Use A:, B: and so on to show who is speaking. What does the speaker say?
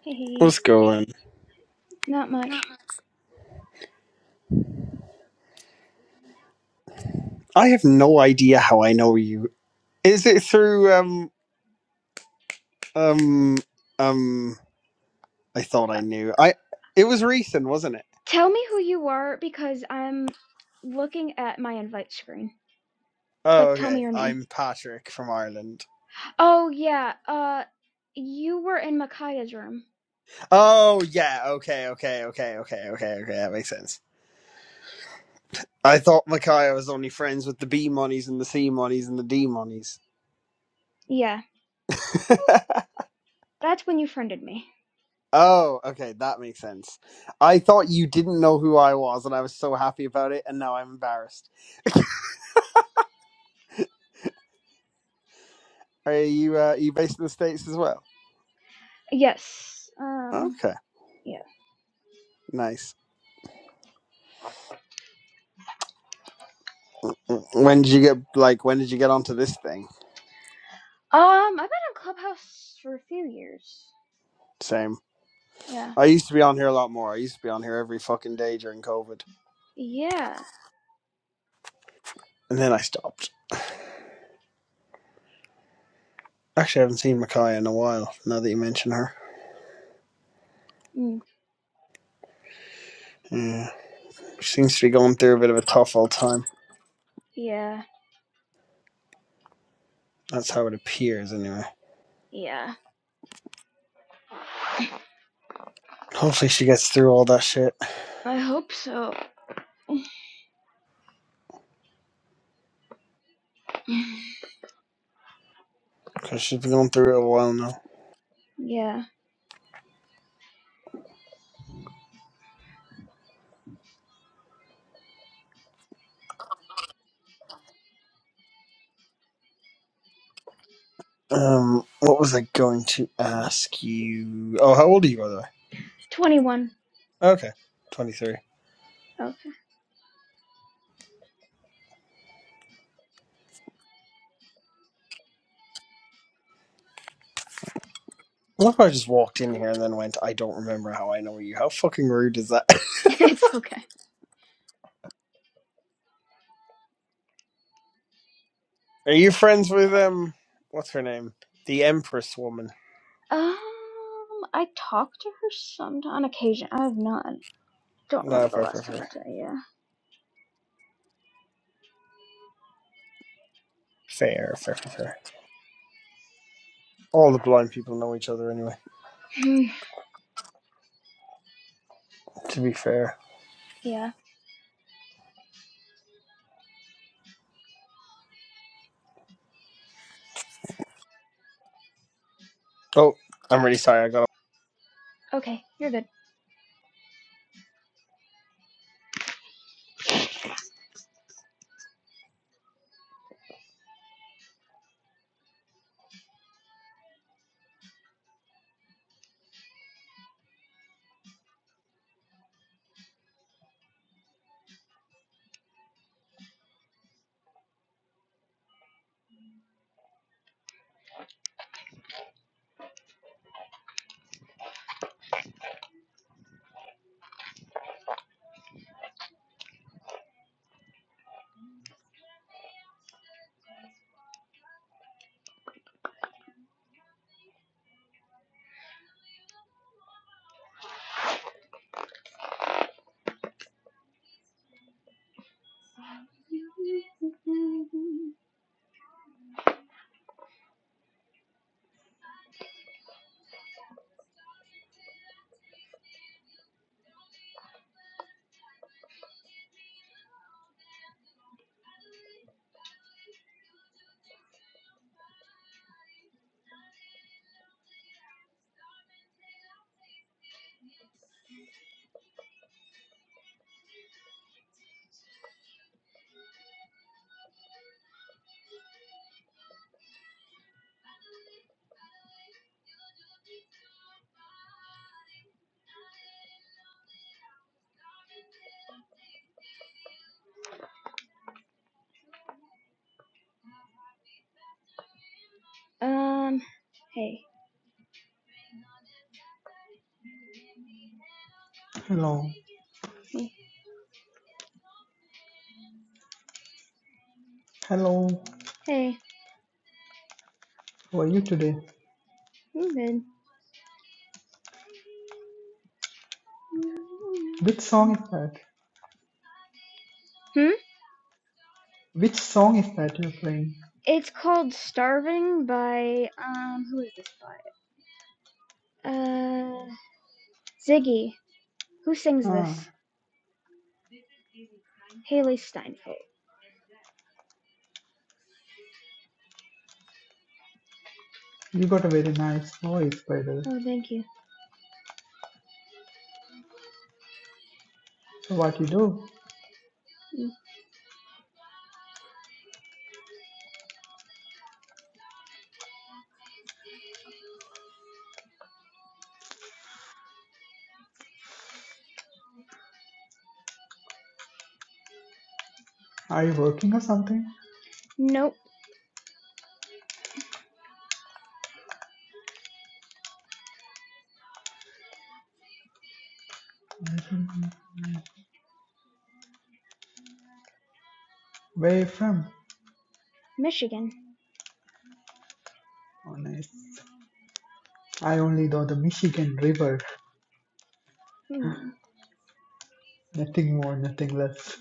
A: What's
B: Hey,
A: going?
B: not much.
A: I have no idea how I know you. Is it through um um um I thought I
B: Uh,
A: knew. I it was recent, wasn't it?
B: tell me who you are because I'm looking at my invite screen.
A: Oh
B: Like, tell me
A: okay.
B: your name.
A: I'm Patrick from Ireland.
B: Oh, yeah, uh, you were in Makaya's room.
A: Oh yeah, okay, okay, okay, okay, okay, okay, that makes sense. I thought Micaiah was only friends with the B monies and the C monies and the D monies.
B: Yeah, that's when you friended me.
A: oh, okay, that makes sense. I thought you didn't know who I was and I was so happy about it and now I'm embarrassed. Are you uh, are you based in the States as well?
B: Yes, um,
A: Okay,
B: yeah.
A: nice. When did you get like when did you get onto this thing?
B: Um, I've been on Clubhouse for a few years.
A: Same.
B: Yeah.
A: I used to be on here a lot more. I used to be on here every fucking day during COVID,
B: Yeah.
A: and then I stopped. Actually, I haven't seen Makaya in a while. Now that you mention her,
B: Mm,
A: yeah, she seems to be going through a bit of a tough old time.
B: yeah.
A: That's how it appears, anyway.
B: Yeah. I
A: Hopefully, she gets through all that shit
B: hope so.
A: because she's been going through it a while now.
B: yeah.
A: Um, what was I going to ask you? Oh, how old are you, by the way?
B: 21.
A: Okay, twenty-three.
B: Okay.
A: What if I just walked in here and then went, I don't remember how I know you? How fucking rude is that?
B: it's okay.
A: Are you friends with um what's her name? The Empress woman.
B: Um, I talk to her some on occasion. I have not. Don't
A: No,
B: remember the
A: fair, fair,
B: last time I
A: fair.
B: talked. Yeah.
A: Fair, fair, fair, fair. All the blind people know each other anyway,
B: Hmm,
A: to be fair.
B: yeah.
A: Oh, I'm really sorry, I got
B: Okay, you're good. Um. Hey.
C: Hello, hello.
B: Hey.
C: How are you today?
B: I'm good.
C: Which song is that?
B: Hmm.
C: Which song is that you're playing?
B: It's called "Starving" by um. Who is this by? Uh. Ziggy. Who sings
C: Ah,
B: this? Haley Steinfeld.
C: you got a very nice voice, by the way.
B: Oh, thank you.
C: So what you do?
B: Mm.
C: Are you working or something?
B: Nope,
C: Mhm. Where you from?
B: Michigan.
C: Oh, nice. I only know the Michigan River.
B: Hmm.
C: Nothing more, nothing less.